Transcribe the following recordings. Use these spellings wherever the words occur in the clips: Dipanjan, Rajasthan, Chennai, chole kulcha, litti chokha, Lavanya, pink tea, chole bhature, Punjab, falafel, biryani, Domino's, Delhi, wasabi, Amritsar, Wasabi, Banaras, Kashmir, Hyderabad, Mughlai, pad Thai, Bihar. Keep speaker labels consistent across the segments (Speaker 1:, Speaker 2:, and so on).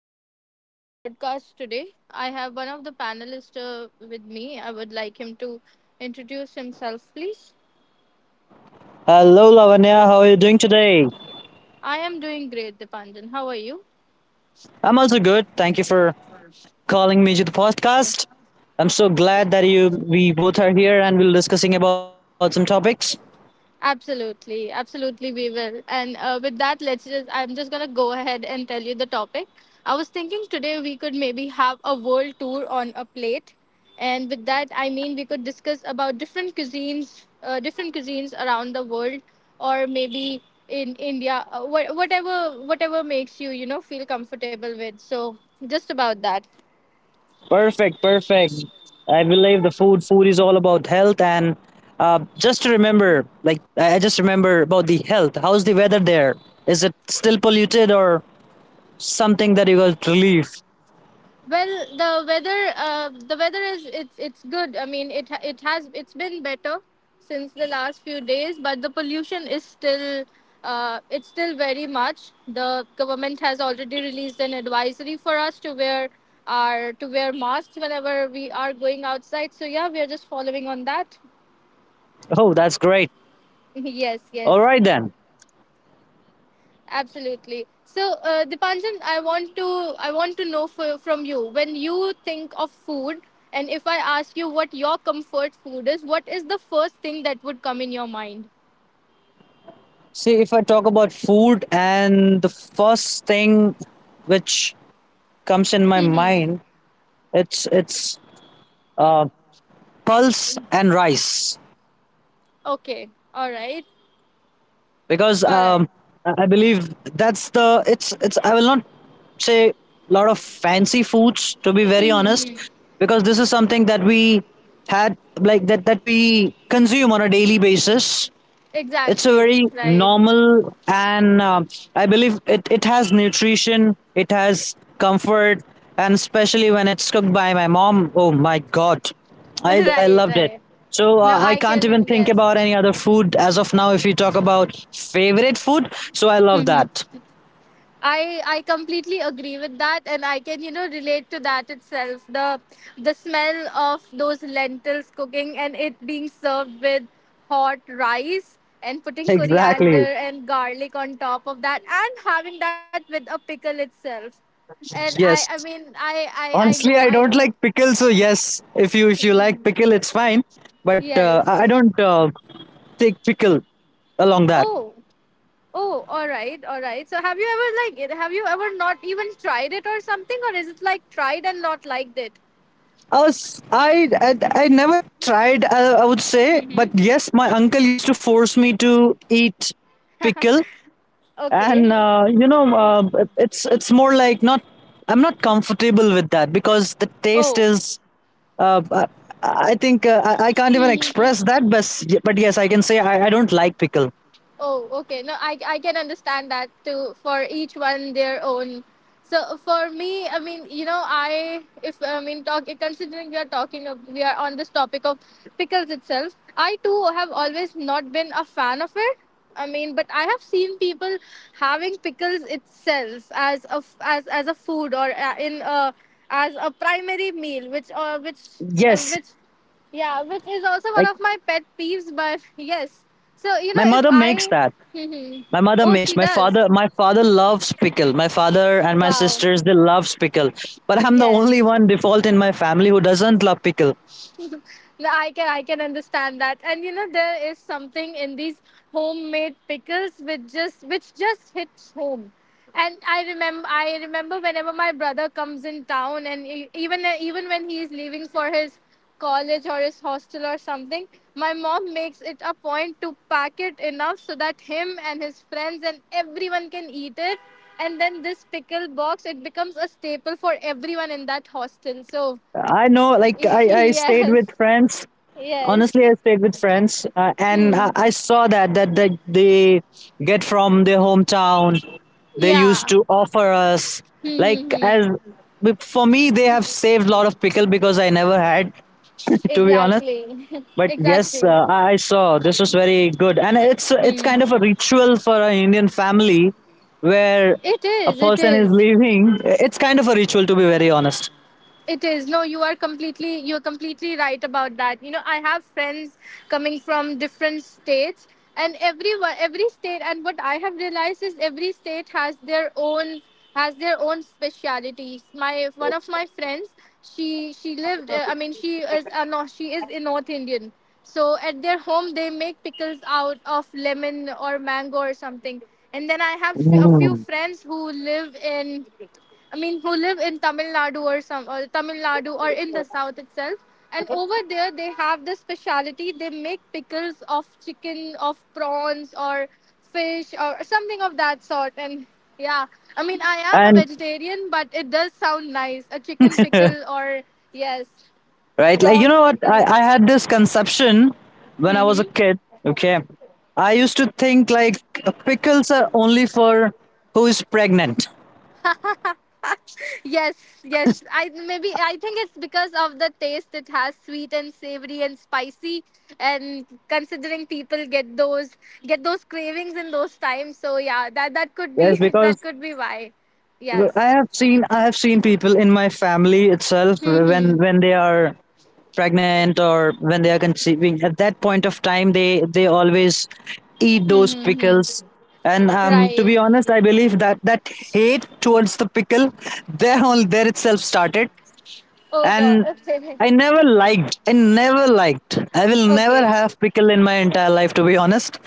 Speaker 1: welcome to our podcast today. I have one of the panelists with me. I would like him to introduce himself, please.
Speaker 2: Hello, Lavanya. How are you doing today?
Speaker 1: I am doing great, Dipanjan. How are you?
Speaker 2: I'm also good. Thank you for calling me to the podcast. I'm so glad that you we both are here and we're discussing about some topics.
Speaker 1: Absolutely, absolutely, we will. And with that, I'm just gonna go ahead and tell you the topic. I was thinking today we could maybe have a world tour on a plate. And with that, I mean we could discuss about different cuisines around the world, or maybe in India, whatever, whatever makes you feel comfortable with. So just about that.
Speaker 2: Perfect, perfect. I believe the food is all about health and just to remember, like I just remember about the health. How's the weather there? Is it still polluted or something that you guys relief?
Speaker 1: Well, the weather is it's good. I mean, it has it's been better since the last few days, but the pollution is still it's still very much. The government has already released an advisory for us to wear masks whenever we are going outside. So yeah, we are just following on that.
Speaker 2: Oh, that's great.
Speaker 1: yes, yes.
Speaker 2: All right then.
Speaker 1: Absolutely. So, Dipanjan, I want to know from you when you think of food, and if I ask you what your comfort food is, what is the first thing that would come in your mind?
Speaker 2: See, if I talk about food and the first thing which comes in my
Speaker 1: Hmm.
Speaker 2: mind, it's uh, pulse and rice
Speaker 1: Okay. All right.
Speaker 2: because
Speaker 1: All right.
Speaker 2: I believe that's the it's I will not say a lot of fancy foods, to be very honest,
Speaker 1: Hmm.
Speaker 2: because this is something that we had, like that we consume on a daily basis. It's a
Speaker 1: Exactly.
Speaker 2: very
Speaker 1: Right.
Speaker 2: normal, and I believe it has nutrition, it has comfort, and especially when it's cooked by my mom. Oh my God, I
Speaker 1: right.
Speaker 2: loved it.
Speaker 1: Right.
Speaker 2: So
Speaker 1: No,
Speaker 2: I
Speaker 1: I
Speaker 2: can't even
Speaker 1: can.
Speaker 2: think about
Speaker 1: Yes.
Speaker 2: any other food as of now if you talk about favorite food. So I love that.
Speaker 1: I completely agree with that, and I can relate to that itself. The smell of those lentils cooking and it being served with hot rice and putting coriander
Speaker 2: Exactly.
Speaker 1: and garlic on top of that, and having that with a pickle itself. And I I
Speaker 2: Yes.
Speaker 1: mean I I I know
Speaker 2: Honestly,
Speaker 1: I
Speaker 2: I
Speaker 1: know
Speaker 2: don't like pickle, so yes, if you like pickle, it's fine. But I
Speaker 1: Yes.
Speaker 2: don't take pickle along that.
Speaker 1: Oh, oh, all right, all right. So have you ever have you ever not even tried it or something, or is it like tried and not liked it?
Speaker 2: Us, I never tried, I would say, but
Speaker 1: Mm-hmm.
Speaker 2: yes, my uncle used to force me to eat pickle,
Speaker 1: Okay.
Speaker 2: and it's more like not. I'm not comfortable with that because the taste
Speaker 1: Oh.
Speaker 2: is. Uh, I, I think I can't
Speaker 1: Hmm,
Speaker 2: even
Speaker 1: hmm, hmm.
Speaker 2: express that, but yes, I can say I don't like pickle.
Speaker 1: Oh, okay. No, I can understand that too. For each one, their own. So for me, I mean, you know, I if I mean, talk considering we are talking, we are on this topic of pickles itself. I too have always not been a fan of it. I mean, but I have seen people having pickles itself as as a food or in a as a primary meal, which uh, which uh,
Speaker 2: Yes,
Speaker 1: which Yeah, which is also one
Speaker 2: like
Speaker 1: of my pet peeves, but yes. So, you know,
Speaker 2: my
Speaker 1: if
Speaker 2: mother makes
Speaker 1: I.
Speaker 2: that. My mother
Speaker 1: Oh,
Speaker 2: makes.
Speaker 1: she
Speaker 2: My
Speaker 1: does.
Speaker 2: father my father loves pickle. My father and my
Speaker 1: Wow.
Speaker 2: sisters, they love pickle. But I'm the only
Speaker 1: Yes.
Speaker 2: one default in my family who doesn't love pickle.
Speaker 1: No, I can understand that. And you know, there is something in these homemade pickles which just hits home. And I remember whenever my brother comes in town and even even when he is leaving for his college or his hostel or something, my mom makes it a point to pack it enough so that him and his friends and everyone can eat it. And then this pickle box it becomes a staple for everyone in that hostel. So
Speaker 2: I know, like I stayed
Speaker 1: yes.
Speaker 2: with friends. Honestly,
Speaker 1: Yes.
Speaker 2: I stayed with friends, and
Speaker 1: Hmm.
Speaker 2: I saw that they get from their hometown. They used
Speaker 1: Yeah.
Speaker 2: to offer us,
Speaker 1: Hmm,
Speaker 2: like
Speaker 1: hmm,
Speaker 2: as,
Speaker 1: hmm.
Speaker 2: but for me they have saved a lot of pickle because I never had, to be honest.
Speaker 1: Exactly.
Speaker 2: But yes,
Speaker 1: exactly.
Speaker 2: I saw this was very good, and it's
Speaker 1: Hmm.
Speaker 2: kind of a ritual for an Indian family where
Speaker 1: It
Speaker 2: a
Speaker 1: is. It
Speaker 2: person is
Speaker 1: is.
Speaker 2: leaving. It's kind of a ritual, to be very honest.
Speaker 1: It is. No, you are completely you're completely right about that. You know, I have friends coming from different states and every state and what I have realized is every state has their own specialities. My one of my friends, she lived I mean she is a no, she is a North Indian. So at their home they make pickles out of lemon or mango or something. And then I have a few
Speaker 2: Mm.
Speaker 1: friends who live in who live in Tamil Nadu or some or Tamil Nadu or in the south itself. And over there, they have this speciality. They make pickles of chicken, of prawns, or fish, or something of that sort. And yeah, I mean, I am a
Speaker 2: And
Speaker 1: vegetarian, but it does sound nice. A chicken pickle, or yes,
Speaker 2: right, like you know
Speaker 1: prawns
Speaker 2: what,
Speaker 1: pickle.
Speaker 2: I had this conception when I was a
Speaker 1: Hmm.
Speaker 2: kid. Okay, I used to think like pickles are only for who is pregnant.
Speaker 1: Yes, yes. I maybe I think it's because of the taste it has sweet and savory and spicy and considering people get those cravings in those times so yeah that that could
Speaker 2: Yes,
Speaker 1: be that
Speaker 2: because
Speaker 1: could be why.
Speaker 2: I
Speaker 1: Yes.
Speaker 2: have seen I have seen people in my family itself when
Speaker 1: Mhm.
Speaker 2: they are pregnant or when they are conceiving, at that point of time they always eat those
Speaker 1: Mhm, mhm.
Speaker 2: pickles. And to
Speaker 1: Right.
Speaker 2: be honest, I believe that hate towards the pickle there, all there itself started.
Speaker 1: Oh god.
Speaker 2: And i
Speaker 1: Okay.
Speaker 2: never liked i never liked I will never
Speaker 1: Okay.
Speaker 2: have pickle in my entire life, to be honest.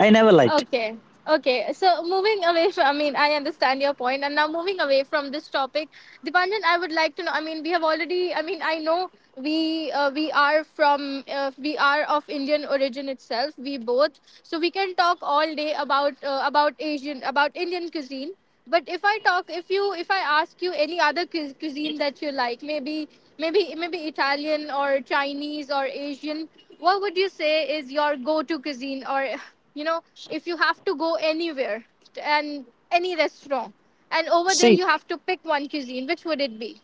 Speaker 2: I never liked.
Speaker 1: Okay. Okay. So moving away from, I mean, I understand your point. And now moving away from this topic, Dipanjan, I would like to know. I mean, we have already. I mean, I know we are from we are of Indian origin itself. We both, so we can talk all day about Asian about Indian cuisine. But if I talk, if I ask you any other cuisine that you like, maybe maybe Italian or Chinese or Asian, what would you say is your go-to cuisine or you know if you have to go anywhere and any restaurant and over there
Speaker 2: See,
Speaker 1: you have to pick one cuisine which would it be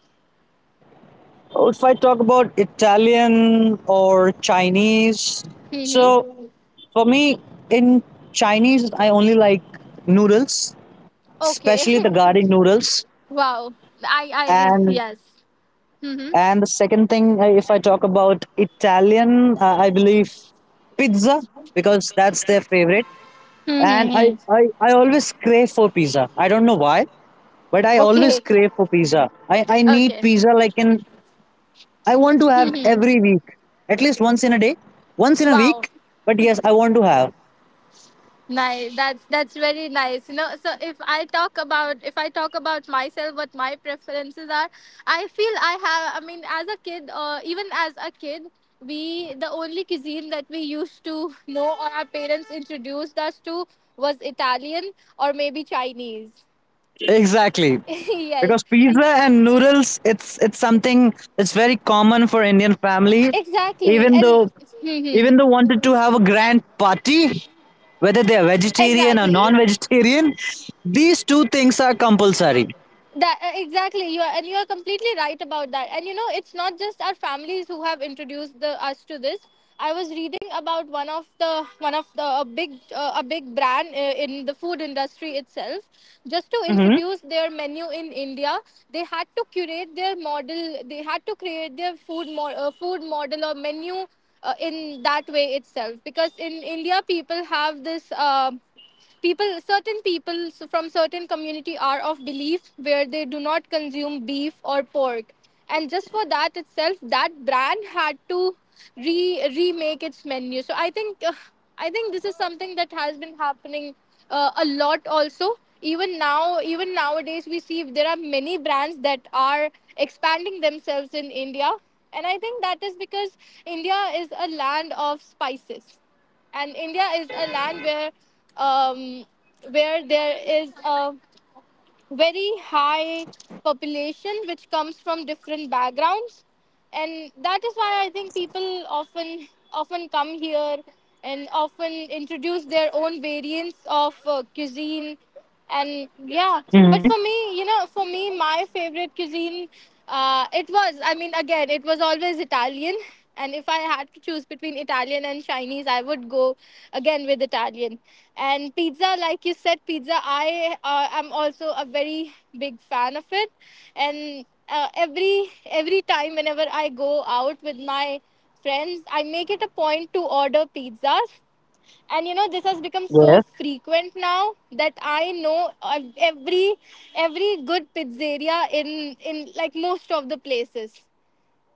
Speaker 2: if I talk about Italian or Chinese, so
Speaker 1: mm-hmm.
Speaker 2: for me, in Chinese, I only like noodles,
Speaker 1: Okay.
Speaker 2: especially the garlic noodles.
Speaker 1: wow I
Speaker 2: And
Speaker 1: yes mm-hmm.
Speaker 2: and the second thing, if I talk about Italian, I believe pizza, because that's their favorite. And
Speaker 1: Mm-hmm.
Speaker 2: I always crave for pizza. I don't know why, but I always
Speaker 1: Okay.
Speaker 2: crave for pizza. I need
Speaker 1: okay
Speaker 2: pizza, like, in, I want to have
Speaker 1: mm-hmm.
Speaker 2: every week, at least once in a day, once in a
Speaker 1: Wow.
Speaker 2: week. But yes, I want to have.
Speaker 1: Nice. That's very nice. You know, so if I talk about if I talk about myself, what my preferences are, I feel I have. I mean, as a kid, or even as a kid, we the only cuisine that we used to know or our parents introduced us to was Italian or maybe Chinese.
Speaker 2: Exactly.
Speaker 1: yes,
Speaker 2: Because pizza
Speaker 1: it's,
Speaker 2: and noodles, it's something that's very common for Indian family.
Speaker 1: exactly,
Speaker 2: Even
Speaker 1: and
Speaker 2: though even
Speaker 1: hmm
Speaker 2: though wanted to have a grand party, whether they're vegetarian or
Speaker 1: exactly.
Speaker 2: non-vegetarian, these two things are compulsory.
Speaker 1: That exactly you are, and you are completely right about that. And you know, it's not just our families who have introduced us to this. I was reading about one of the a big brand in the food industry itself. Just to
Speaker 2: Mm-hmm.
Speaker 1: introduce their menu in India, they had to curate their model. They had to create their food model or menu in that way itself because in India people have this people certain people from certain community are of belief where they do not consume beef or pork and just for that itself that brand had to re remake its menu. So I think I think this is something that has been happening a lot also. Even now even nowadays we see there are many brands that are expanding themselves in India, and I think that is because India is a land of spices and India is a land um, where there is a very high population which comes from different backgrounds, and that is why I think people often often come here and often introduce their own variants of cuisine. And yeah,
Speaker 2: Mm-hmm.
Speaker 1: but for me you know for me my favorite cuisine it was I mean again it was always Italian. And if I had to choose between Italian and Chinese I would go again with Italian. And pizza like you said pizza I am also a very big fan of it. And every time whenever I go out with my friends I make it a point to order pizzas. And you know this has become so
Speaker 2: Yes.
Speaker 1: frequent now that I know every good pizzeria in like most of the places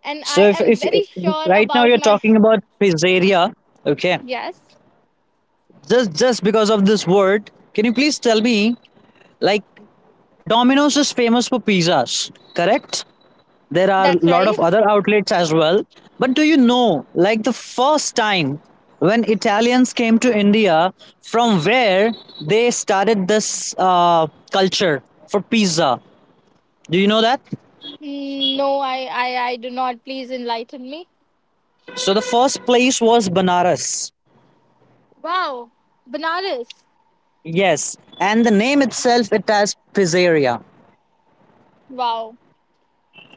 Speaker 1: and
Speaker 2: So,
Speaker 1: I am very sure
Speaker 2: right now
Speaker 1: about
Speaker 2: you're
Speaker 1: my
Speaker 2: talking about pizzeria. Okay,
Speaker 1: yes
Speaker 2: just because of this word, can you please tell me, like, Domino's is famous for pizzas, correct? There are a
Speaker 1: that's
Speaker 2: lot
Speaker 1: right
Speaker 2: of other outlets as well, but do you know, like, the first time when Italians came to India, from where they started this culture for pizza? Do you know that?
Speaker 1: no I do not please enlighten me.
Speaker 2: So the first place was Banaras.
Speaker 1: Wow, Banaras.
Speaker 2: Yes, and the name itself, it has pizzeria.
Speaker 1: Wow,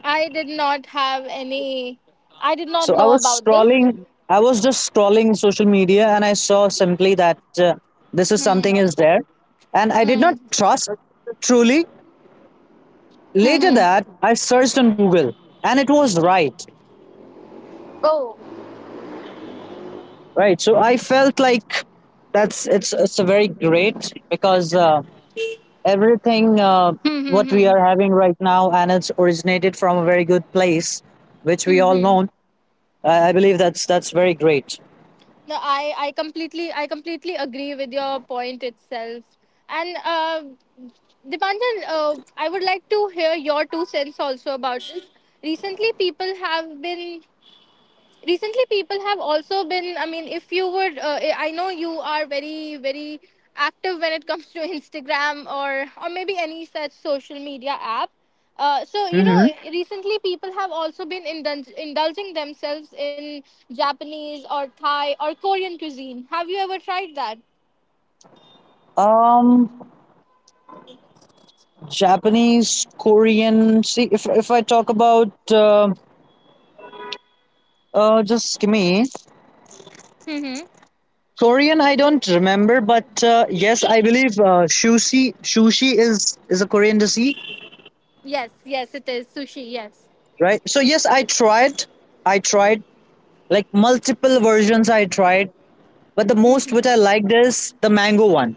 Speaker 1: I did not have any I did not
Speaker 2: So I
Speaker 1: know
Speaker 2: was
Speaker 1: about this.
Speaker 2: scrolling, I was just scrolling social media and I saw simply that uh, this is
Speaker 1: Hmm,
Speaker 2: something is there. And I did not
Speaker 1: hmm,
Speaker 2: trust truly.
Speaker 1: hmm,
Speaker 2: Later that
Speaker 1: hmm.
Speaker 2: I searched on Google, and it was right.
Speaker 1: Oh.
Speaker 2: Right, so I felt like that's, it's a very great, because everything
Speaker 1: Hmm, hmm,
Speaker 2: what we
Speaker 1: hmm,
Speaker 2: are having right now, and it's originated from a very good place which we
Speaker 1: hmm,
Speaker 2: all
Speaker 1: hmm.
Speaker 2: know. I believe that's very great.
Speaker 1: No, I completely agree with your point itself. And Dipanjan, I would like to hear your two cents also about this. Recently, people have been recently people have also been I mean if you would I know you are very very active when it comes to Instagram or maybe any such social media app so you
Speaker 2: Hmm.
Speaker 1: know recently people have also been indulging themselves in Japanese or Thai or Korean cuisine. Have you ever tried that?
Speaker 2: Um, Japanese, Korean, see, if I talk about just give me
Speaker 1: Mm-hmm.
Speaker 2: Korean, I don't remember. But yes, I believe sushi is a Korean dish,
Speaker 1: Yes yes it is sushi yes
Speaker 2: right? So yes, I tried. I tried like multiple versions. I tried, but the most which I
Speaker 1: mm-hmm.
Speaker 2: liked is the mango one.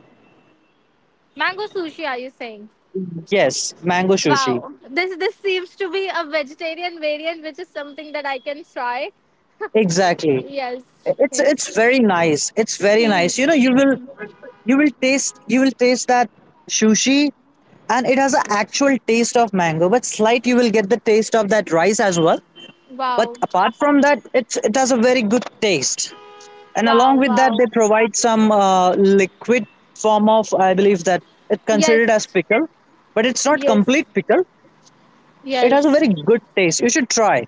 Speaker 1: Mango sushi are you saying?
Speaker 2: Yes, mango sushi.
Speaker 1: Wow, this seems to be a vegetarian variant, which is something that I can try.
Speaker 2: Exactly.
Speaker 1: Yes,
Speaker 2: It's
Speaker 1: yes.
Speaker 2: it's very nice. It's very nice. You know, you will, you will taste that sushi, and it has an actual taste of mango, but slight, you will get the taste of that rice as well. But
Speaker 1: wow,
Speaker 2: apart from that, it's, it has a very good taste. And along
Speaker 1: wow,
Speaker 2: with that,
Speaker 1: wow.
Speaker 2: they provide some liquid form of, I believe that, it's considered as
Speaker 1: Yes,
Speaker 2: pickle, but it's not
Speaker 1: yes,
Speaker 2: complete pickle. It has a
Speaker 1: yes.
Speaker 2: very good taste. You should try.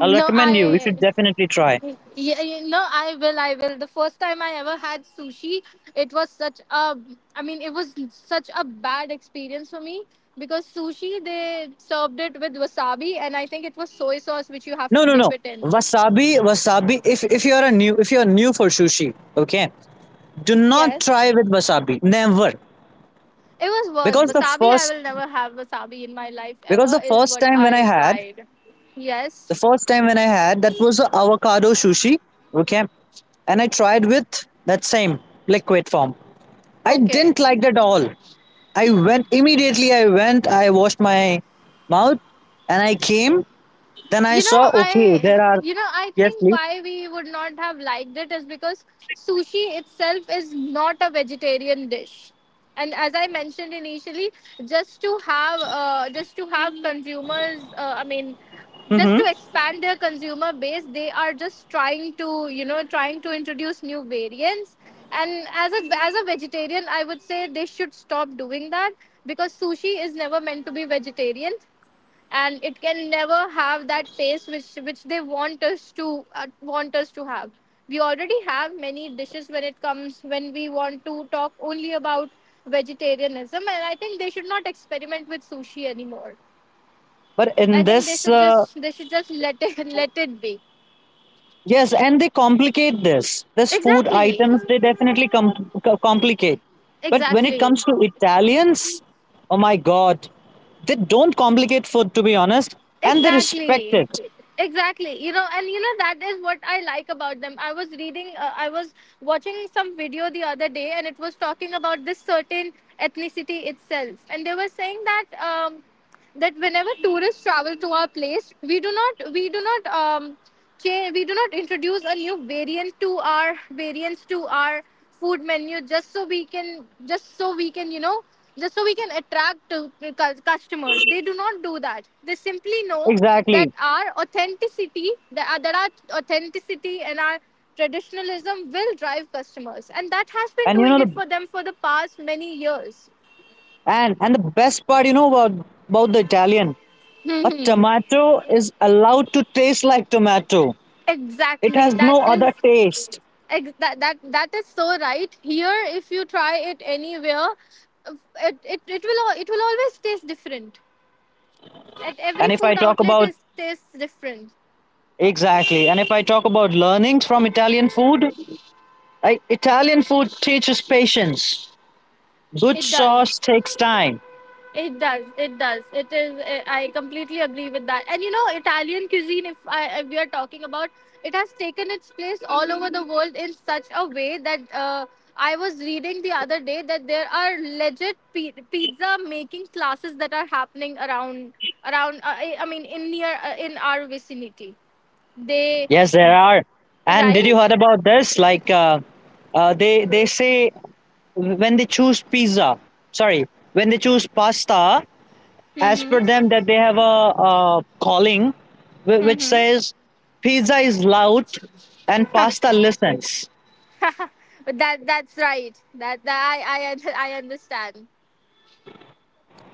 Speaker 2: I'll recommend you. You
Speaker 1: I.
Speaker 2: should definitely try.
Speaker 1: Yeah, you know, I will. I will. The first time I ever had sushi, it was such a. I mean, it was such a bad experience for me because sushi they served it with wasabi, and I think it was soy sauce which you have
Speaker 2: No,
Speaker 1: to
Speaker 2: no,
Speaker 1: dip
Speaker 2: no.
Speaker 1: it in.
Speaker 2: Wasabi, wasabi. If you are a new, if you are new for sushi, okay, do not
Speaker 1: Yes,
Speaker 2: try with wasabi. Never,
Speaker 1: it was worse.
Speaker 2: because the
Speaker 1: Wasabi, I
Speaker 2: first,
Speaker 1: will never have wasabi in my life
Speaker 2: because
Speaker 1: ever.
Speaker 2: the
Speaker 1: Is
Speaker 2: first
Speaker 1: what
Speaker 2: time when I
Speaker 1: I
Speaker 2: had,
Speaker 1: tried.
Speaker 2: the
Speaker 1: Yes.
Speaker 2: first time when I had, that was a avocado sushi. Okay, and I tried with that same liquid form. I
Speaker 1: Okay.
Speaker 2: didn't like it at all. I went immediately. I went. I washed my mouth, and I came. Then I
Speaker 1: You know,
Speaker 2: saw, okay,
Speaker 1: I
Speaker 2: there are,
Speaker 1: you know, I
Speaker 2: yes,
Speaker 1: think
Speaker 2: please.
Speaker 1: why we would not have liked it is because sushi itself is not a vegetarian dish. And as I mentioned initially, just to have
Speaker 2: Hmm.
Speaker 1: consumers, just to expand their consumer base, they are just trying to, you know, trying to introduce new variants. And as a vegetarian, I would say they should stop doing that because sushi is never meant to be vegetarian. And it can never have that taste which they want us to have. We already have many dishes when it comes when we want to talk only about vegetarianism, and I think they should not experiment with sushi anymore.
Speaker 2: But
Speaker 1: I
Speaker 2: in
Speaker 1: think they
Speaker 2: this,
Speaker 1: should just let it let it be.
Speaker 2: yes, and they complicate this. This food
Speaker 1: Exactly.
Speaker 2: items, they definitely complicate. But when it
Speaker 1: Exactly.
Speaker 2: comes to Italians, oh my God, they don't complicate food, to be honest, and they respect
Speaker 1: Exactly.
Speaker 2: it.
Speaker 1: Exactly. You know, and you know, that is what I like about them. I was watching some video the other day, and it was talking about this certain ethnicity itself. And they were saying that. That whenever tourists travel to our place, we do not change, we do not introduce a new variant to our food menu just so we can you know, just so we can attract customers. They do not do that. They simply know that
Speaker 2: Exactly.
Speaker 1: our authenticity, that our authenticity and our traditionalism will drive customers, and that has been
Speaker 2: And you know,
Speaker 1: doing it
Speaker 2: the
Speaker 1: for them for the past many years.
Speaker 2: and the best part, you know, about the Italian, a tomato is allowed to taste like tomato. It
Speaker 1: Exactly.
Speaker 2: has
Speaker 1: That
Speaker 2: no other
Speaker 1: is
Speaker 2: taste.
Speaker 1: That that is so right. Here if you try it anywhere, it will it will always taste different at every
Speaker 2: And if I
Speaker 1: food
Speaker 2: talk
Speaker 1: outlet.
Speaker 2: about,
Speaker 1: Is tastes different.
Speaker 2: exactly. And if I talk about learnings from Italian food, Italian food teaches patience. Good
Speaker 1: It does.
Speaker 2: sauce takes time.
Speaker 1: It does. It does. It is. I completely agree with that. And you know, Italian cuisine, if, if we are talking about, it has taken its place all over the world in such a way that I was reading the other day that there are legit pizza making classes that are happening around. I mean, in near in our vicinity. They
Speaker 2: Yes, there are. And did you
Speaker 1: right.
Speaker 2: heard about this? Like, they say, when they choose pizza, sorry, when they choose pasta, as per
Speaker 1: Mm-hmm.
Speaker 2: them, that they have a calling, which
Speaker 1: Mm-hmm.
Speaker 2: says pizza is loud and pasta listens.
Speaker 1: That, that's right. That I understand.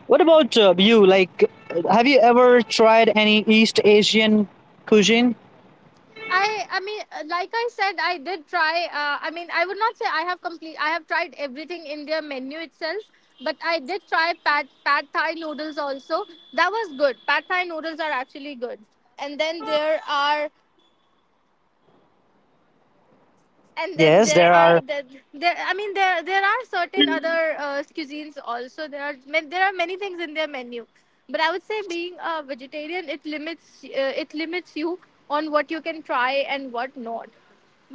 Speaker 2: What about you? Like, have you ever tried any East Asian cuisine?
Speaker 1: I mean, like I said, I did try. I mean, I would not say I have complete. I have tried everything in their menu itself, but I did try pad Thai noodles also. That was good. Pad Thai noodles are actually good. And then there are and then
Speaker 2: Yes,
Speaker 1: there
Speaker 2: there
Speaker 1: are
Speaker 2: are.
Speaker 1: there, there I mean there are certain other cuisines also. There are there are many things in their menu, but I would say being a vegetarian, it limits you on what you can try and what not.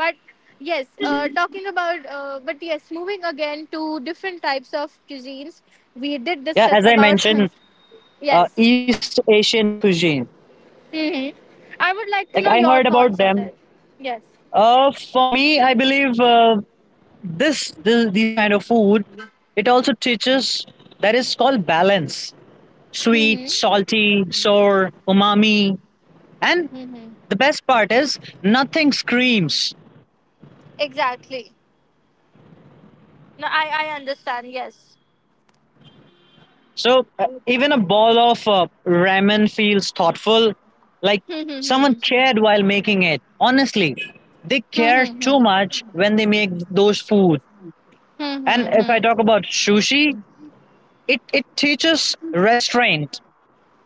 Speaker 1: But yes, talking about but yes, moving again to different types of cuisines, we did
Speaker 2: Yeah,
Speaker 1: discuss
Speaker 2: as I
Speaker 1: about
Speaker 2: mentioned,
Speaker 1: yes.
Speaker 2: East Asian cuisine.
Speaker 1: Hmm. I would like
Speaker 2: Like
Speaker 1: to
Speaker 2: I
Speaker 1: know your
Speaker 2: heard about
Speaker 1: thoughts on
Speaker 2: them.
Speaker 1: it. Yes.
Speaker 2: For me, I believe this, this these kind of food, it also teaches, that is called balance: sweet,
Speaker 1: Hmm.
Speaker 2: salty, sour, umami, and
Speaker 1: Hmm.
Speaker 2: the best part is nothing screams.
Speaker 1: Exactly. No, I understand. Yes.
Speaker 2: So even a bowl of ramen feels thoughtful, like someone cared while making it. Honestly, they care
Speaker 1: Hmm,
Speaker 2: too
Speaker 1: hmm,
Speaker 2: much when they make those foods. And if I
Speaker 1: hmm.
Speaker 2: talk about sushi, it teaches restraint.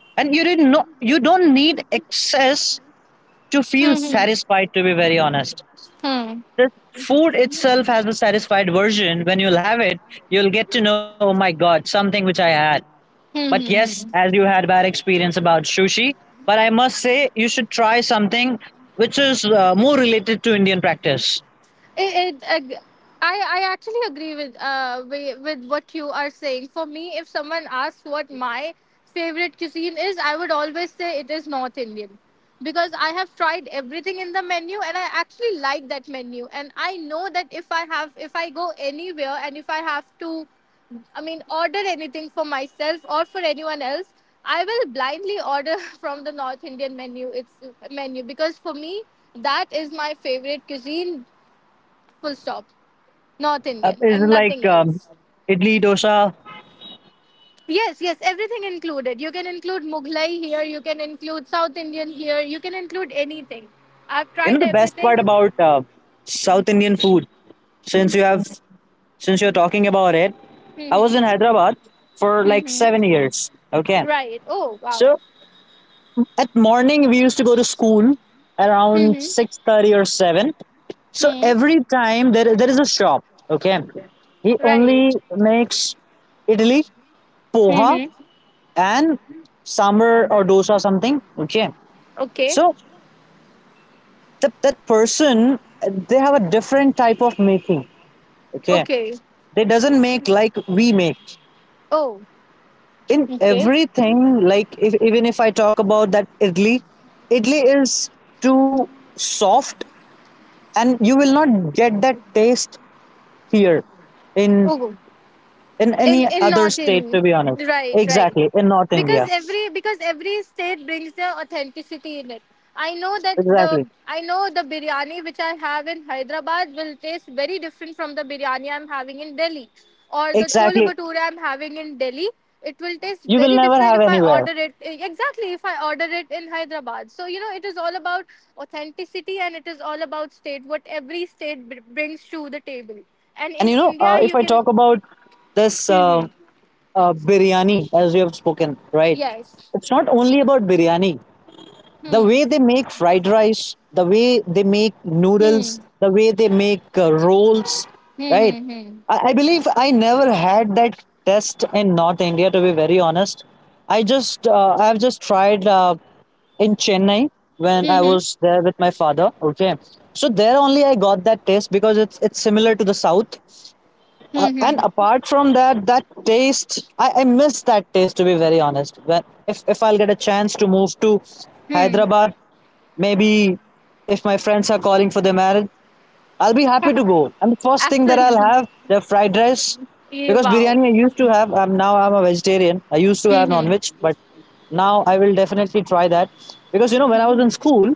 Speaker 2: And you didn't know, you don't need excess to feel satisfied, to be very honest.
Speaker 1: Hmm,
Speaker 2: This food itself has a satisfied version. When you'll have it, you'll get to know, oh my god, something which I had. But
Speaker 1: hmm,
Speaker 2: yes,
Speaker 1: hmm.
Speaker 2: as you had bad experience about sushi, but I must say you should try something which is more related to Indian practice.
Speaker 1: It, it, ag- I actually agree with with what you are saying. For me, if someone asks what my favorite cuisine is, I would always say it is North Indian, because I have tried everything in the menu and I actually like that menu. And I know that if I have if I go anywhere and if I have to, I mean, order anything for myself or for anyone else, I will blindly order from the North Indian menu. It's menu, because for me, that is my favorite cuisine, full stop. North Indian
Speaker 2: Is
Speaker 1: and
Speaker 2: like
Speaker 1: nothing else.
Speaker 2: idli dosa.
Speaker 1: Yes, yes, everything included. You can include Mughlai here, you can include South Indian here, you can include anything. I've
Speaker 2: You know
Speaker 1: tried
Speaker 2: the best part
Speaker 1: everything.
Speaker 2: about South Indian food. Since you have, since you're talking about it, I was in
Speaker 1: Hmm.
Speaker 2: Hyderabad for like
Speaker 1: Hmm.
Speaker 2: 7 years. Okay,
Speaker 1: Right. Oh, wow.
Speaker 2: so at morning we used to go to school around
Speaker 1: Hmm.
Speaker 2: 6:30 or 7. So
Speaker 1: Hmm.
Speaker 2: every time, there is a shop. Okay, he
Speaker 1: Right.
Speaker 2: only makes idli, poha,
Speaker 1: Hmm.
Speaker 2: and sambar or dosa something. Okay,
Speaker 1: Okay.
Speaker 2: so that person they have a different type of making. Okay,
Speaker 1: Okay.
Speaker 2: they doesn't make like we make
Speaker 1: Oh,
Speaker 2: in
Speaker 1: okay.
Speaker 2: everything like if, even if I talk about that idli idli is too soft, and you will not get that taste here in
Speaker 1: Oh,
Speaker 2: in
Speaker 1: in
Speaker 2: any
Speaker 1: in
Speaker 2: other
Speaker 1: not in
Speaker 2: state, to be honest.
Speaker 1: right, right,
Speaker 2: Exactly, in north
Speaker 1: because
Speaker 2: india.
Speaker 1: every state brings their authenticity in it. I know that
Speaker 2: Exactly.
Speaker 1: the biryani which I have in Hyderabad will taste very different from the biryani I'm having in Delhi, or the chole
Speaker 2: Exactly,
Speaker 1: bhature I'm having in Delhi. It will taste
Speaker 2: you will
Speaker 1: very
Speaker 2: never
Speaker 1: different
Speaker 2: have
Speaker 1: if I
Speaker 2: anywhere.
Speaker 1: order it exactly if I order it in Hyderabad. So you know, it is all about authenticity and it is all about state, what every state brings to the table. And
Speaker 2: And you
Speaker 1: in
Speaker 2: know,
Speaker 1: India
Speaker 2: if
Speaker 1: you
Speaker 2: I talk about this
Speaker 1: can.
Speaker 2: biryani, as we have spoken, right?
Speaker 1: Yes.
Speaker 2: It's not only about biryani, the
Speaker 1: Hmm.
Speaker 2: way they make fried rice, the way they make noodles,
Speaker 1: Hmm.
Speaker 2: the way they make rolls,
Speaker 1: Hmm.
Speaker 2: right?
Speaker 1: Hmm. Hmm.
Speaker 2: I believe I never had that test in north india, to be very honest. I just I've just tried in chennai when I
Speaker 1: Hmm.
Speaker 2: was there with my father. Okay, so there only I got that taste, because it's similar to the south.
Speaker 1: Hmm.
Speaker 2: And
Speaker 1: Hmm.
Speaker 2: apart from that, that taste, I miss that taste, to be very honest. When if I'll get a chance to move to
Speaker 1: Hmm.
Speaker 2: Hyderabad, maybe if my friends are calling for their marriage, I'll be happy to go. And the first thing that I'll
Speaker 1: Absolutely.
Speaker 2: have, the fried rice,
Speaker 1: Yeah,
Speaker 2: because
Speaker 1: wow.
Speaker 2: biryani I used to have. I'm now I'm a vegetarian. I used to
Speaker 1: Hmm.
Speaker 2: have non-veg,
Speaker 1: Hmm.
Speaker 2: but now I will definitely try that, because you know, when I was in school,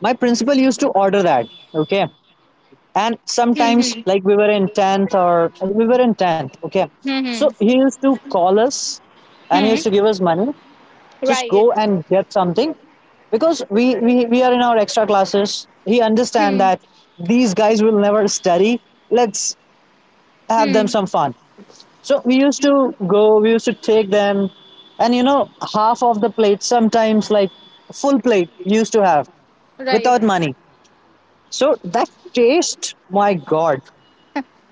Speaker 2: my principal used to order that. Okay, and
Speaker 1: Hmm.
Speaker 2: sometimes,
Speaker 1: Hmm.
Speaker 2: like we were in 10th, or we were in 10th. Okay,
Speaker 1: Hmm.
Speaker 2: so
Speaker 1: Hmm.
Speaker 2: he used to call us and he used
Speaker 1: Hmm.
Speaker 2: to give us money, just
Speaker 1: Right.
Speaker 2: go and get something, because we are in our extra classes. He understand
Speaker 1: Hmm.
Speaker 2: that these guys will never study, let's have them
Speaker 1: Hmm.
Speaker 2: some fun. So we used to go, we used to take them, and you know, half of the plate, sometimes like full plate we used to have
Speaker 1: Right.
Speaker 2: without money. So that taste, my god,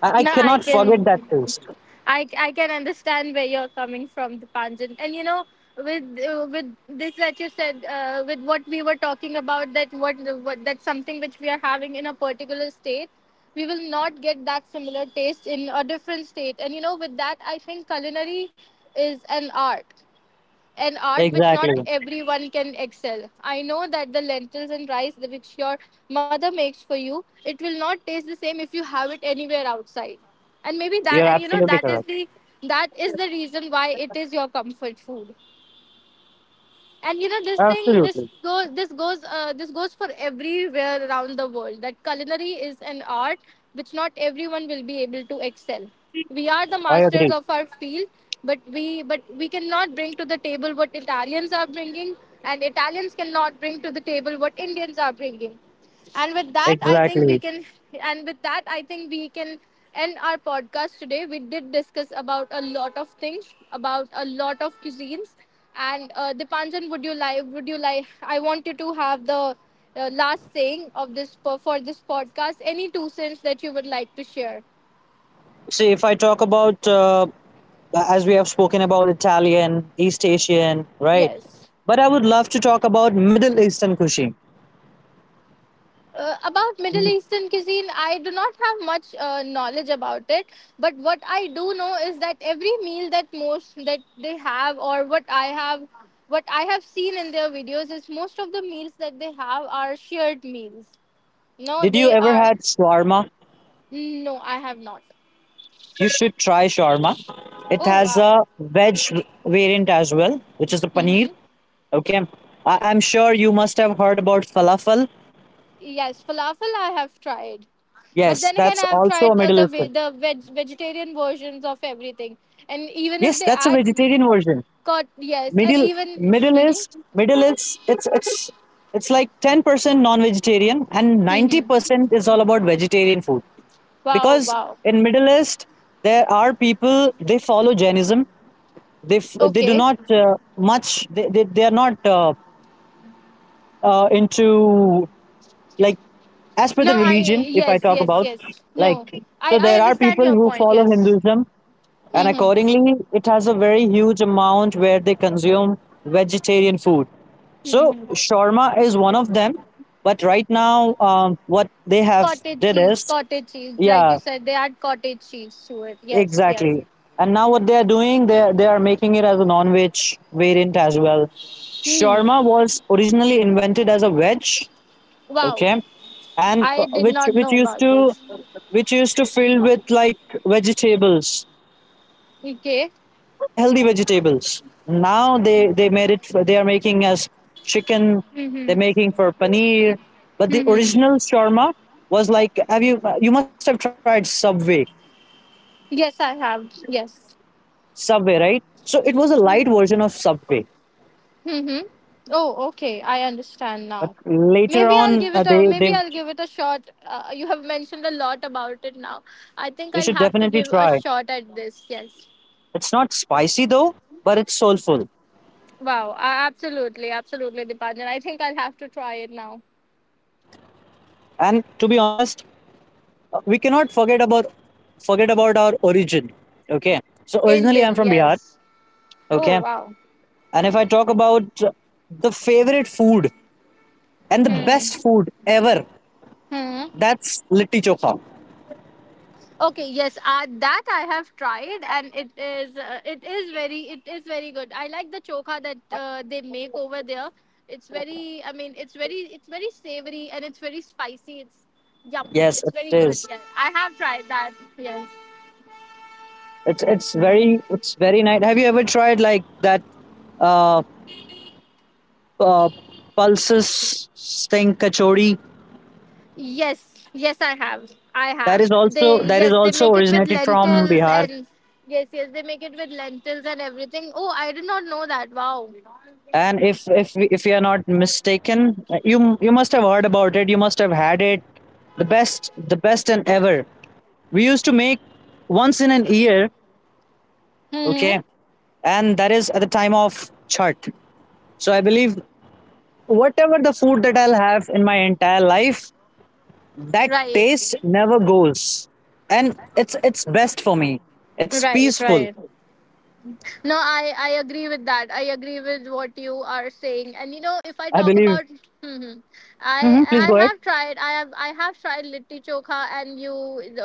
Speaker 2: I
Speaker 1: Now I
Speaker 2: cannot forget that
Speaker 1: can.
Speaker 2: taste.
Speaker 1: I can understand where you're coming from, the Dipanjan. And you know, with this that you said, with what we were talking about, that what that's something which we are having in a particular state, we will not get that similar taste in a different state. And you know, with that, I think culinary is an art, an art which not
Speaker 2: Exactly.
Speaker 1: everyone can excel. I know that the lentils and rice the which your mother makes for you, it will not taste the same if you have it anywhere outside. And maybe that,
Speaker 2: You're
Speaker 1: and you know,
Speaker 2: absolutely correct.
Speaker 1: that is the reason why it is your comfort food. And you know, this thing,
Speaker 2: Absolutely.
Speaker 1: this goes for everywhere around the world, that culinary is an art which not everyone will be able to excel. We are the
Speaker 2: I
Speaker 1: masters
Speaker 2: agree.
Speaker 1: of our field, but we cannot bring to the table what Italians are bringing, and Italians cannot bring to the table what Indians are bringing. And with that, I think we
Speaker 2: Exactly.
Speaker 1: can. And with that, I think we can end our podcast today. We did discuss about a lot of things, about a lot of cuisines. And Dipanjan, would you like? Would you like? I want you to have the last saying of this for this podcast. Any two cents that you would like to share?
Speaker 2: See, if I talk about, as we have spoken about Italian, East Asian, right?
Speaker 1: Yes.
Speaker 2: But I would love to talk about Middle Eastern cuisine.
Speaker 1: About Middle
Speaker 2: Mm.
Speaker 1: Eastern cuisine, I do not have much knowledge about it. But what I do know is that every meal that most that they have, or what I have seen in their videos, is most of the meals that they have are shared meals. No,
Speaker 2: Did you
Speaker 1: they
Speaker 2: ever
Speaker 1: are.
Speaker 2: had shawarma?
Speaker 1: No, I have not.
Speaker 2: You should try shawarma. It
Speaker 1: Oh
Speaker 2: has
Speaker 1: wow.
Speaker 2: a veg variant as well, which is the paneer.
Speaker 1: Mm-hmm.
Speaker 2: Okay. I'm sure you must have heard about falafel.
Speaker 1: Yes, falafel I have tried. But
Speaker 2: Yes,
Speaker 1: then again,
Speaker 2: that's
Speaker 1: I've
Speaker 2: also a
Speaker 1: tried
Speaker 2: Middle
Speaker 1: the
Speaker 2: Eastern.
Speaker 1: vegetarian versions of everything, and
Speaker 2: Yes,
Speaker 1: even
Speaker 2: that's
Speaker 1: if
Speaker 2: a
Speaker 1: they
Speaker 2: vegetarian
Speaker 1: add
Speaker 2: version.
Speaker 1: God, yes,
Speaker 2: Middle
Speaker 1: and even.
Speaker 2: Middle East Middle East it's it's like 10% non-vegetarian and
Speaker 1: Mhm,
Speaker 2: ninety
Speaker 1: mhm.
Speaker 2: percent is all about vegetarian food,
Speaker 1: Wow,
Speaker 2: because
Speaker 1: wow.
Speaker 2: in Middle East there are people, they follow Jainism. They do
Speaker 1: Okay.
Speaker 2: not, much they are not into, like, as per
Speaker 1: No,
Speaker 2: the
Speaker 1: I
Speaker 2: religion, if I
Speaker 1: yes,
Speaker 2: talk
Speaker 1: yes,
Speaker 2: about,
Speaker 1: yes. No,
Speaker 2: like, so
Speaker 1: I
Speaker 2: there are
Speaker 1: understand
Speaker 2: people
Speaker 1: your
Speaker 2: who
Speaker 1: point.
Speaker 2: follow
Speaker 1: Yes.
Speaker 2: Hinduism, and
Speaker 1: Mhm,
Speaker 2: accordingly it has a very huge amount where they consume vegetarian food. So
Speaker 1: mhm.
Speaker 2: shawarma is one of them, but right now, what they have
Speaker 1: Cottage
Speaker 2: did
Speaker 1: cheese,
Speaker 2: is,
Speaker 1: cottage cheese. Like
Speaker 2: yeah,
Speaker 1: you said, they add cottage cheese to it. Yes, yes.
Speaker 2: exactly. And now what they are doing, they are making it as a non-veg variant as well.
Speaker 1: Hmm.
Speaker 2: Shawarma was originally invented as a veg,
Speaker 1: Wow,
Speaker 2: okay, and
Speaker 1: I
Speaker 2: uh,
Speaker 1: did
Speaker 2: which
Speaker 1: not
Speaker 2: which
Speaker 1: know
Speaker 2: used
Speaker 1: about
Speaker 2: to,
Speaker 1: this.
Speaker 2: which used to filled with like vegetables,
Speaker 1: Okay.
Speaker 2: healthy vegetables. Now they made it. They are making us chicken. They're
Speaker 1: Mm-hmm.
Speaker 2: making for paneer. But the
Speaker 1: Mm-hmm.
Speaker 2: original shawarma was like, have you must have tried Subway.
Speaker 1: Yes, I have. Yes.
Speaker 2: Subway, right? So it was a light version of Subway.
Speaker 1: Mm-hmm. Oh, okay. I understand
Speaker 2: But
Speaker 1: now.
Speaker 2: later
Speaker 1: Maybe I'll
Speaker 2: on,
Speaker 1: give
Speaker 2: uh,
Speaker 1: it a
Speaker 2: they they
Speaker 1: shot. You have mentioned a lot about it now. I think
Speaker 2: they
Speaker 1: I'll
Speaker 2: should
Speaker 1: have to
Speaker 2: definitely
Speaker 1: give a
Speaker 2: try.
Speaker 1: shot at this. Yes.
Speaker 2: It's not spicy though, but it's soulful.
Speaker 1: Wow. Absolutely, absolutely, Dipanjan. I think I'll have to try it now.
Speaker 2: And to be honest, we cannot forget about our origin. Okay. So originally I'm
Speaker 1: Indian.
Speaker 2: from Bihar.
Speaker 1: Yes. Oh,
Speaker 2: Okay.
Speaker 1: wow.
Speaker 2: And if I talk about the favorite food and the
Speaker 1: Hmm.
Speaker 2: best food ever,
Speaker 1: Hmm.
Speaker 2: that's litti chokha.
Speaker 1: Okay, yes, that I have tried, and it is very good. I like the chokha that they make over there. It's very, I mean, it's very savory and it's very spicy. It's yum.
Speaker 2: Yes,
Speaker 1: It's
Speaker 2: it
Speaker 1: very good.
Speaker 2: is.
Speaker 1: Yes, I have tried that. Yes,
Speaker 2: It's very, it's very nice. Have you ever tried like that uh, uh pulses thing, kachori?
Speaker 1: yes, yes, I have. I have. They
Speaker 2: That is
Speaker 1: yes, they
Speaker 2: also
Speaker 1: make it with
Speaker 2: originated from
Speaker 1: lentils
Speaker 2: Bihar.
Speaker 1: and yes, yes, they make it with lentils and everything. Oh, I did not know that. Wow.
Speaker 2: And if if you are not mistaken, you must have heard about it. You must have had it. The best and ever. We used to make once in an year.
Speaker 1: Mm-hmm.
Speaker 2: Okay, and that is at the time of chart. So I believe, whatever the food that I'll have in my entire life, that
Speaker 1: Right.
Speaker 2: taste never goes, and it's best for me. It's
Speaker 1: Right.
Speaker 2: peaceful.
Speaker 1: Right. No, I agree with that. I agree with what you are saying. And you know, if I
Speaker 2: I
Speaker 1: talk
Speaker 2: believe.
Speaker 1: about, mhm. I
Speaker 2: Hmm, please
Speaker 1: I
Speaker 2: go ahead.
Speaker 1: have tried. I have tried litti chokha and you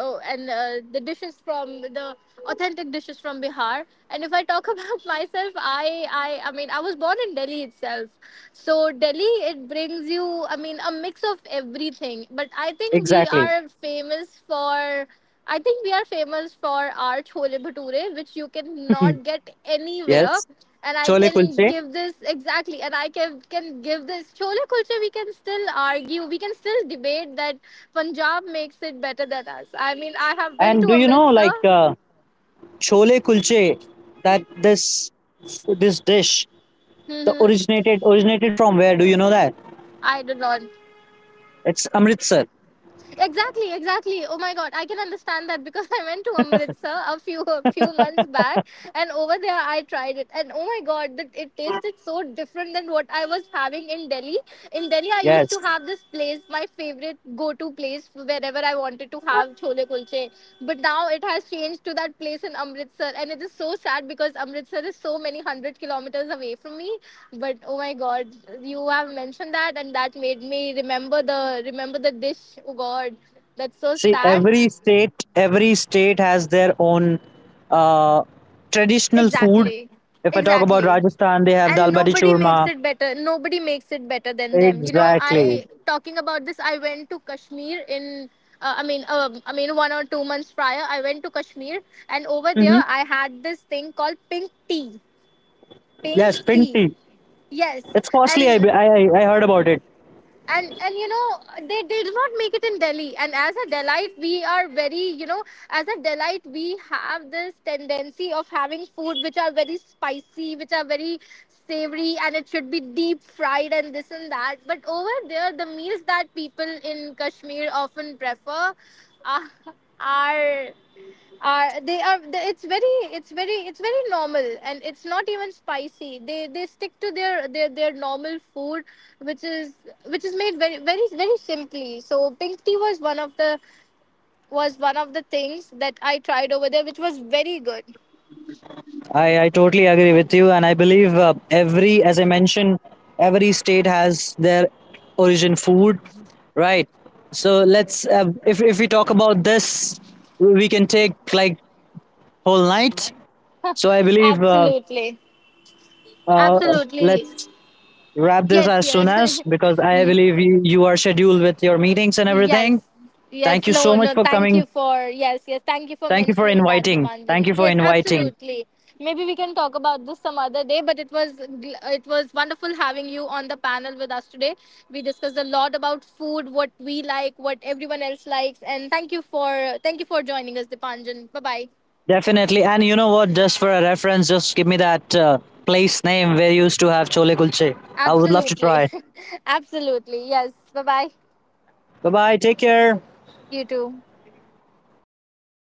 Speaker 1: oh, and the dishes from the authentic dishes from Bihar. And if I talk about myself, I mean I was born in Delhi itself. So Delhi, it brings you, I mean, a mix of everything. But I think we
Speaker 2: Exactly.
Speaker 1: are famous for I think we are famous for our chole bhature, which you cannot get
Speaker 2: yes,
Speaker 1: anywhere. And I
Speaker 2: chole
Speaker 1: can
Speaker 2: kulche.
Speaker 1: give this exactly, and I can give this chole kulcha. We can still argue, we can still debate that Punjab makes it better than us. I mean, I have been
Speaker 2: And
Speaker 1: to
Speaker 2: do you know,
Speaker 1: Amritsar.
Speaker 2: like, chole kulche, that this dish, the
Speaker 1: Hmm.
Speaker 2: originated originated from where? Do you know that?
Speaker 1: I do not.
Speaker 2: It's Amritsar.
Speaker 1: Exactly, exactly. Oh my God, I can understand that, because I went to Amritsar a few months back, and over there I tried it, and oh my God, that it tasted so different than what I was having in Delhi. In Delhi, I used to
Speaker 2: Yes.
Speaker 1: have this place, my favorite go-to place wherever I wanted to have chole kulche, but now it has changed to that place in Amritsar, and it is so sad because Amritsar is so many hundred kilometers away from me. But oh my God, you have mentioned that, and that made me remember the dish. Oh God, that's so
Speaker 2: See,
Speaker 1: sad.
Speaker 2: every state has their own uh, traditional food.
Speaker 1: Exactly,
Speaker 2: If I talk about
Speaker 1: exactly.
Speaker 2: Rajasthan, they have dal
Speaker 1: And
Speaker 2: bati
Speaker 1: nobody makes
Speaker 2: churma.
Speaker 1: it better, than them. You know, I
Speaker 2: Exactly.
Speaker 1: talking about this, I went to Kashmir in I mean I mean 1 or 2 months prior I went to Kashmir, and over there
Speaker 2: Hmm.
Speaker 1: I had this thing called pink tea. Pink
Speaker 2: Yes,
Speaker 1: tea.
Speaker 2: pinti.
Speaker 1: Yes.
Speaker 2: It's costly. I,
Speaker 1: And
Speaker 2: I I I heard about it.
Speaker 1: and you know, they did not make it in Delhi, and as a Delite we are very you know, as a Delite, we have this tendency of having food which are very spicy, which are very savory, and it should be deep fried and this and that. But over there, the meals that people in Kashmir often prefer are, are are they, it's very it's very it's very normal, and it's not even spicy. They stick to their normal food which is made very very simply. So pink tea was one of the was one of the things that I tried over there, which was very good.
Speaker 2: I totally agree with you, and I believe, every, as I mentioned, every state has their origin food, right? So let's, if we talk about this, we can take like whole night. So I believe.
Speaker 1: Absolutely.
Speaker 2: Uh,
Speaker 1: Absolutely.
Speaker 2: let's wrap this
Speaker 1: Yes,
Speaker 2: as soon
Speaker 1: yes.
Speaker 2: as, because I believe you, you are scheduled with your meetings and everything.
Speaker 1: Yes.
Speaker 2: Thank
Speaker 1: Yes.
Speaker 2: you
Speaker 1: No,
Speaker 2: so much
Speaker 1: no.
Speaker 2: for
Speaker 1: Thank you
Speaker 2: coming.
Speaker 1: for yes, yes. Thank you for
Speaker 2: Thank you for
Speaker 1: mentioning that,
Speaker 2: inviting.
Speaker 1: Dipanjan. Yes, absolutely. Maybe we can talk about this some other day, but it was it was wonderful having you on the panel with us today. We discussed a lot about food, what we like, what everyone else likes, and thank you for joining us, Dipanjan. Bye bye.
Speaker 2: Definitely. And you know what? Just for a reference, just give me that place name where you used to have chole kulche. I would love to
Speaker 1: Absolutely,
Speaker 2: try.
Speaker 1: absolutely. Yes. Bye bye.
Speaker 2: Bye bye. Take care.
Speaker 1: You too.